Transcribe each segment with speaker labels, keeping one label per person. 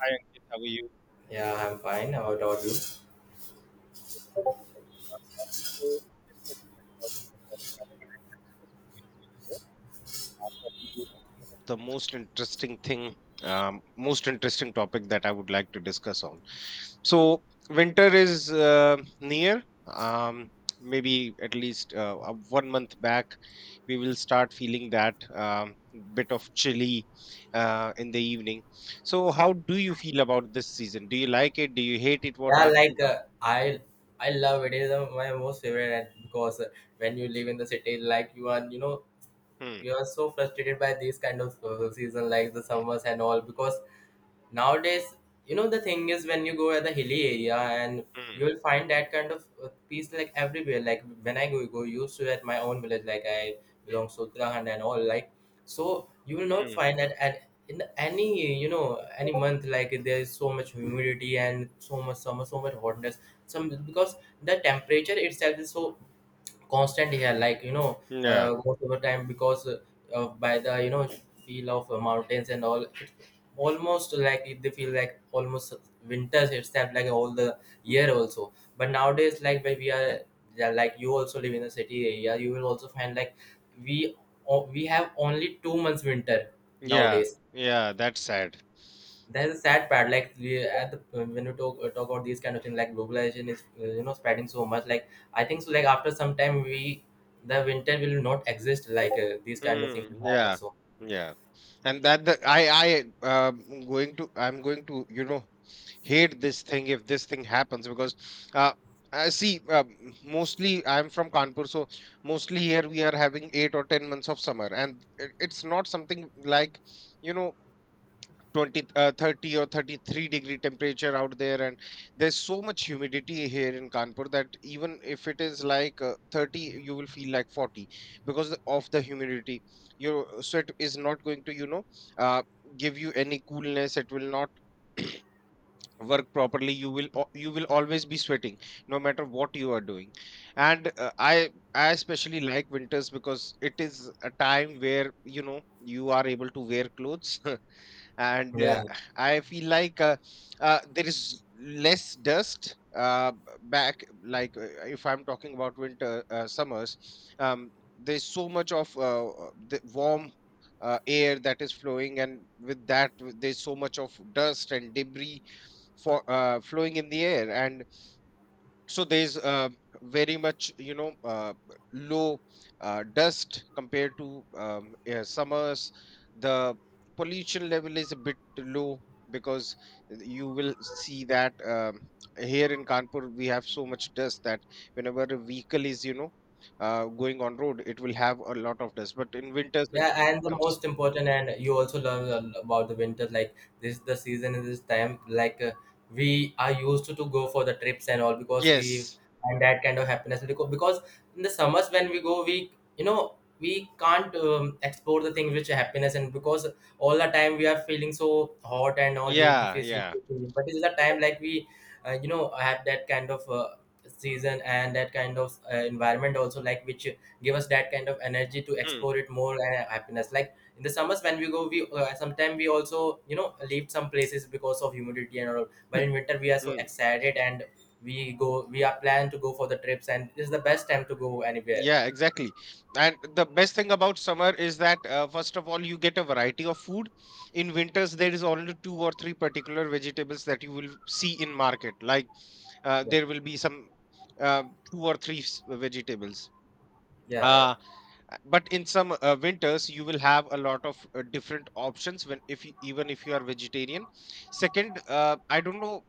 Speaker 1: Hi Ankit, how are you?
Speaker 2: Yeah, I'm fine. How about you?
Speaker 1: Good as well. Uh, So in this particular recording, the topic I want to discuss with you is winters are probably one of the most interesting thing, most interesting topic that I would like to discuss on. So winter is near. Maybe at least 1 month back, we will start feeling that bit of chilly in the evening. So how do you feel about this season? Do you like it? Do you hate it? What
Speaker 2: Yeah,
Speaker 1: are? What
Speaker 2: like
Speaker 1: are?
Speaker 2: I love it. It is my most favorite, and because when you live in the city, like you are,
Speaker 1: Hmm.
Speaker 2: you are so frustrated by these kind of season, like the summers and all, because nowadays, the thing is when you go at the hilly area, and
Speaker 1: Mm.
Speaker 2: you'll find that kind of peace like everywhere. Like when I go used to at my own village, like I belong to Uttarakhand and all, like so you will not
Speaker 1: Mm.
Speaker 2: find that at in any any month, like there is so much humidity and so much summer, so much hotness. Some because the temperature itself is so constant here, like
Speaker 1: Yeah,
Speaker 2: most of the time, because by the feel of mountains and all, almost like they feel like almost winters itself, like all the year also, but nowadays, like when we are, yeah, like you also live in a city area, you will also find like we we have only 2 months winter
Speaker 1: yeah,
Speaker 2: nowadays.
Speaker 1: yeah. That's sad.
Speaker 2: That is a sad part. Like we at the, when we talk talk about these kind of things, like globalization is spreading so much, like I think so, like after some time we, the winter will not exist, like these kind of things will
Speaker 1: Mm,
Speaker 2: happen,
Speaker 1: yeah,
Speaker 2: so
Speaker 1: yeah. And that the I going to I'm going to hate this thing if this thing happens because uh I see mostly I'm from Kanpur. So mostly here we are having 8 or 10 months of summer, and it's not something like, you know 20 30 or 33-degree temperature out there. And there's so much humidity here in kanpur that even if it is like 30, you will feel like 40 because of the humidity. Your sweat is not going to, uh, give you any coolness. It will not work properly. You will you will always be sweating no matter what you are doing. And I especially like winters because it is a time where, you know you are able to wear clothes and
Speaker 2: yeah.
Speaker 1: I feel like there is less dust, back, like, if I'm talking about winter summers, um, there's so much of the warm air that is flowing, and with there's so much of dust and debris for flowing in the air. And so there's, very much, low dust compared to, yeah, summers. The pollution level is a bit low because you will see that, here in kanpur we have so much dust that whenever a vehicle is, going on road, it will have a lot of dust, but in winters it
Speaker 2: Yeah, and the
Speaker 1: comes.
Speaker 2: most important, and you also learn about the winter. Like this, is the season in this time. Like we are used to go for the trips and all because we
Speaker 1: Yes.
Speaker 2: find that kind of happiness. Because in the summers when we go, we you know we can't explore the things which are happiness, and because all the time we are feeling so hot and all, you we
Speaker 1: Yeah.
Speaker 2: face
Speaker 1: Yeah.
Speaker 2: humidity. But it's the time like we have that kind of season and that kind of environment also, like which give us that kind of energy to explore it more, and happiness. Like in the summers when we go, we sometimes we also leave some places because of humidity and all. But in winter we are so
Speaker 1: Hmm.
Speaker 2: excited, and we go, we are planned to go for the trips, and this is the best time to go anywhere.
Speaker 1: Yeah, exactly. And the best thing about summer is that, first of all, you get a variety of food. In winters, there is only two or three particular vegetables that you will see in market. Like,
Speaker 2: Yeah,
Speaker 1: there will be some uh, two or vegetables.
Speaker 2: yeah, yeah,
Speaker 1: Uh, but in some winters, you will have a lot of different options when if you, even if you are vegetarian. Second, I don't know,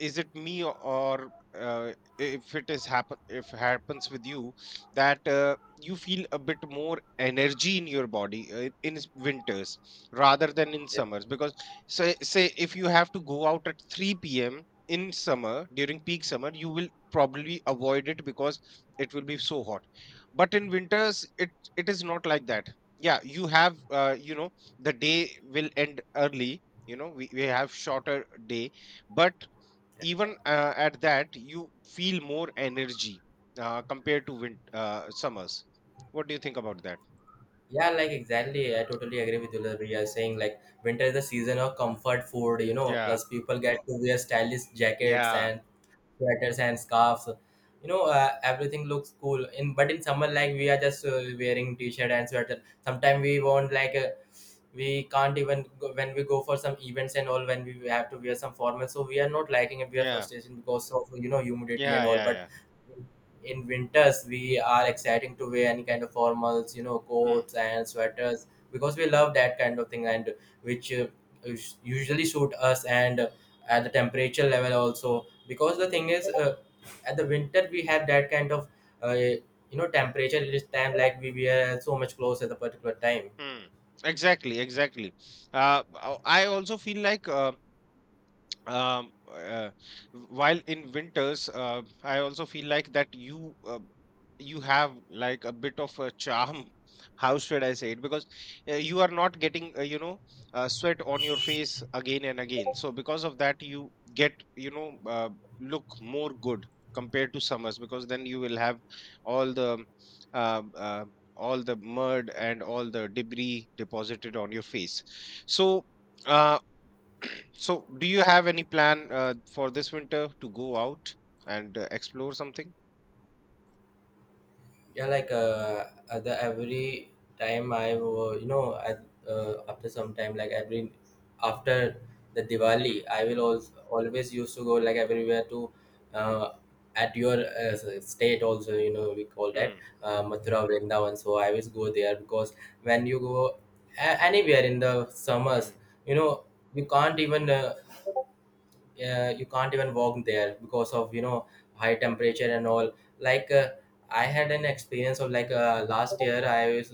Speaker 1: is it me, or uh, if happens with you that, you feel a bit more energy in your body, winters rather than in
Speaker 2: yeah,
Speaker 1: summers? Because say if you have to go out at 3 p.m. in summer, during peak summer, you will probably avoid it because it will be so hot. But in winters it, it is not like that. Yeah, you have, the day will end early. We have shorter day, but even at that, you feel more energy compared to win summers. What do you think about that?
Speaker 2: yeah, like exactly, I totally agree with you. Like we are saying, like winter is the season of comfort food,
Speaker 1: Yeah,
Speaker 2: plus people get to wear stylish jackets
Speaker 1: yeah,
Speaker 2: and sweaters and scarves. Everything looks cool in, but in summer, like we are just wearing t-shirt and sweater, sometimes we want like we can't even go, when we go for some events and all, when we have to wear some formal, so we are not liking it, we are
Speaker 1: yeah.
Speaker 2: frustration because of humidity and
Speaker 1: Yeah,
Speaker 2: all.
Speaker 1: yeah,
Speaker 2: But
Speaker 1: yeah.
Speaker 2: in winters we are exciting to wear any kind of formals,
Speaker 1: Hmm.
Speaker 2: coats and sweaters because we love that kind of thing. And which usually suit us, and at the temperature level also, because the thing is at the winter we have that kind of temperature. It is time like we wear so much clothes at a particular time.
Speaker 1: Hmm. Exactly, exactly. I also feel like, um uh, while in winters, I also feel like that, you have like a bit of a charm how should I say it? Because, you are not getting, sweat on your face again and again. So because of that, you get, look more good compared to summers, because then you will have all the, uh, uh, all the mud and all the debris deposited on your face. So Uh, so, do you have any plan for this winter to go out and explore something?
Speaker 2: Yeah, like at the every time I at, after some time, like every after the Diwali,
Speaker 1: Mm.
Speaker 2: I will also always used to go like everywhere to, uh, at your state also, we call that,
Speaker 1: Mm.
Speaker 2: Mathura Vrindavan. So I always go there because when you go anywhere in the summers,
Speaker 1: Mm.
Speaker 2: you know you can't even uh, you can't even walk there because of high temperature and all. Like I had an experience of, like last year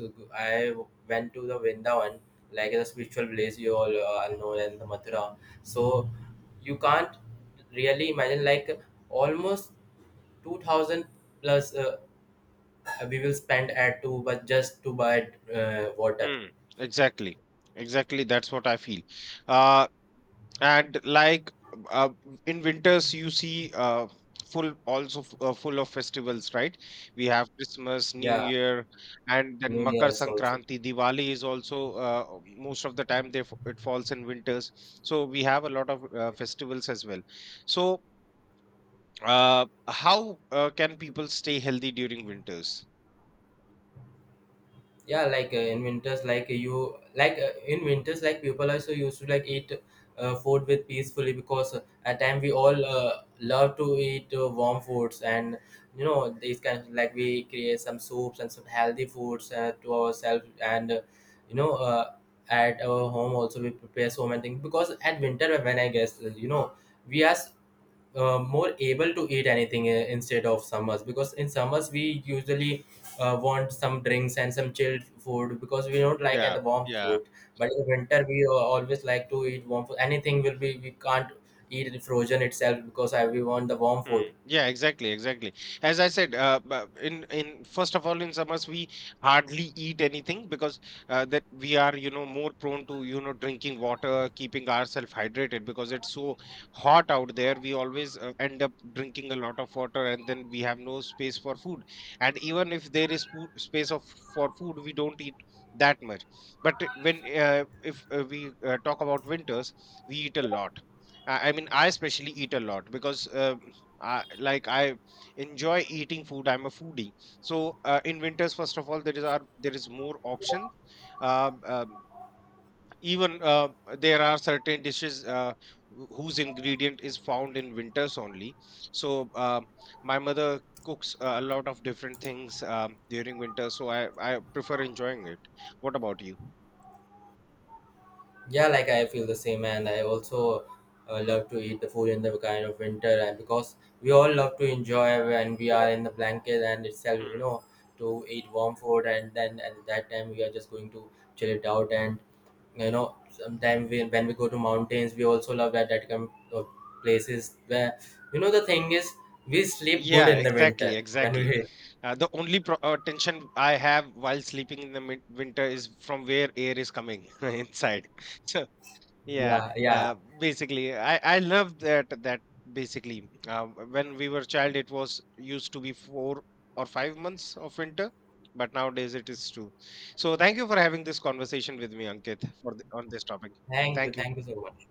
Speaker 2: I went to the Vrindavan, like the spiritual place you all know, in the Mathura. So you can't really imagine, like almost 2000 plus, we will spend at two, but just to buy water.
Speaker 1: Mm. Exactly. Exactly. That's what I feel. Uh, and like, uh, in winters, you see, full of festivals, right? We have Christmas, New
Speaker 2: Yeah.
Speaker 1: Year, and then Makar
Speaker 2: Yes, also.
Speaker 1: Sankranti. Diwali is also, most of the time it falls in winters. So we have a lot of festivals as well. So how can people stay healthy during winters?
Speaker 2: Yeah, like in winters, like you, like in winters, like people also used to like eat food with peacefully, because at time we all love to eat warm foods. And these kind of, like we create some soups and some healthy foods to ourselves. And you know uh, at our home also we prepare so many things, because at winter, when I guess we are more able to eat anything instead of summers, because in summers we usually want some drinks and some chilled food because we don't like
Speaker 1: Yeah,
Speaker 2: the warm
Speaker 1: yeah.
Speaker 2: food. But in winter we always like to eat warm food, anything will be, we can't eat it frozen itself because we want the warm food.
Speaker 1: Hmm. Yeah, exactly, exactly. As I said, in first of all, in summers we hardly eat anything because, that we are, you know, more prone to, you know, drinking water, keeping ourselves hydrated because it's so hot out there. We always end up drinking a lot of water, and then we have no space for food. And even if there is food, space of for food, we don't eat that much. But when if we talk about winters, we eat a lot. I mean, I especially eat a lot because, I enjoy eating food. I'm a foodie. So, in winters, first of all, there is more option. Uh, um, even there are certain dishes, whose ingredient is found in winters only. So, my mother cooks, a lot of different things, during winter. So I prefer enjoying it. What about you?
Speaker 2: Yeah, like I feel the same, and I also love to eat the food in the kind of winter. And because we all love to enjoy when we are in the blanket and itself, to eat warm food, and then at that time we are just going to chill it out. And sometimes we, when we go to mountains, we also love that kind of places where, the thing is, we sleep good
Speaker 1: Yeah,
Speaker 2: in the
Speaker 1: exactly,
Speaker 2: winter when
Speaker 1: exactly.
Speaker 2: we,
Speaker 1: The only tension I have while sleeping in the winter is from where air is coming inside. So yeah,
Speaker 2: yeah, yeah.
Speaker 1: basically, I love that basically, when we were child, it was used to be 4 or 5 months of winter, but nowadays it is two. So thank you for having this conversation with me, Ankit, for on this topic. Thank you.
Speaker 2: Thank you so much.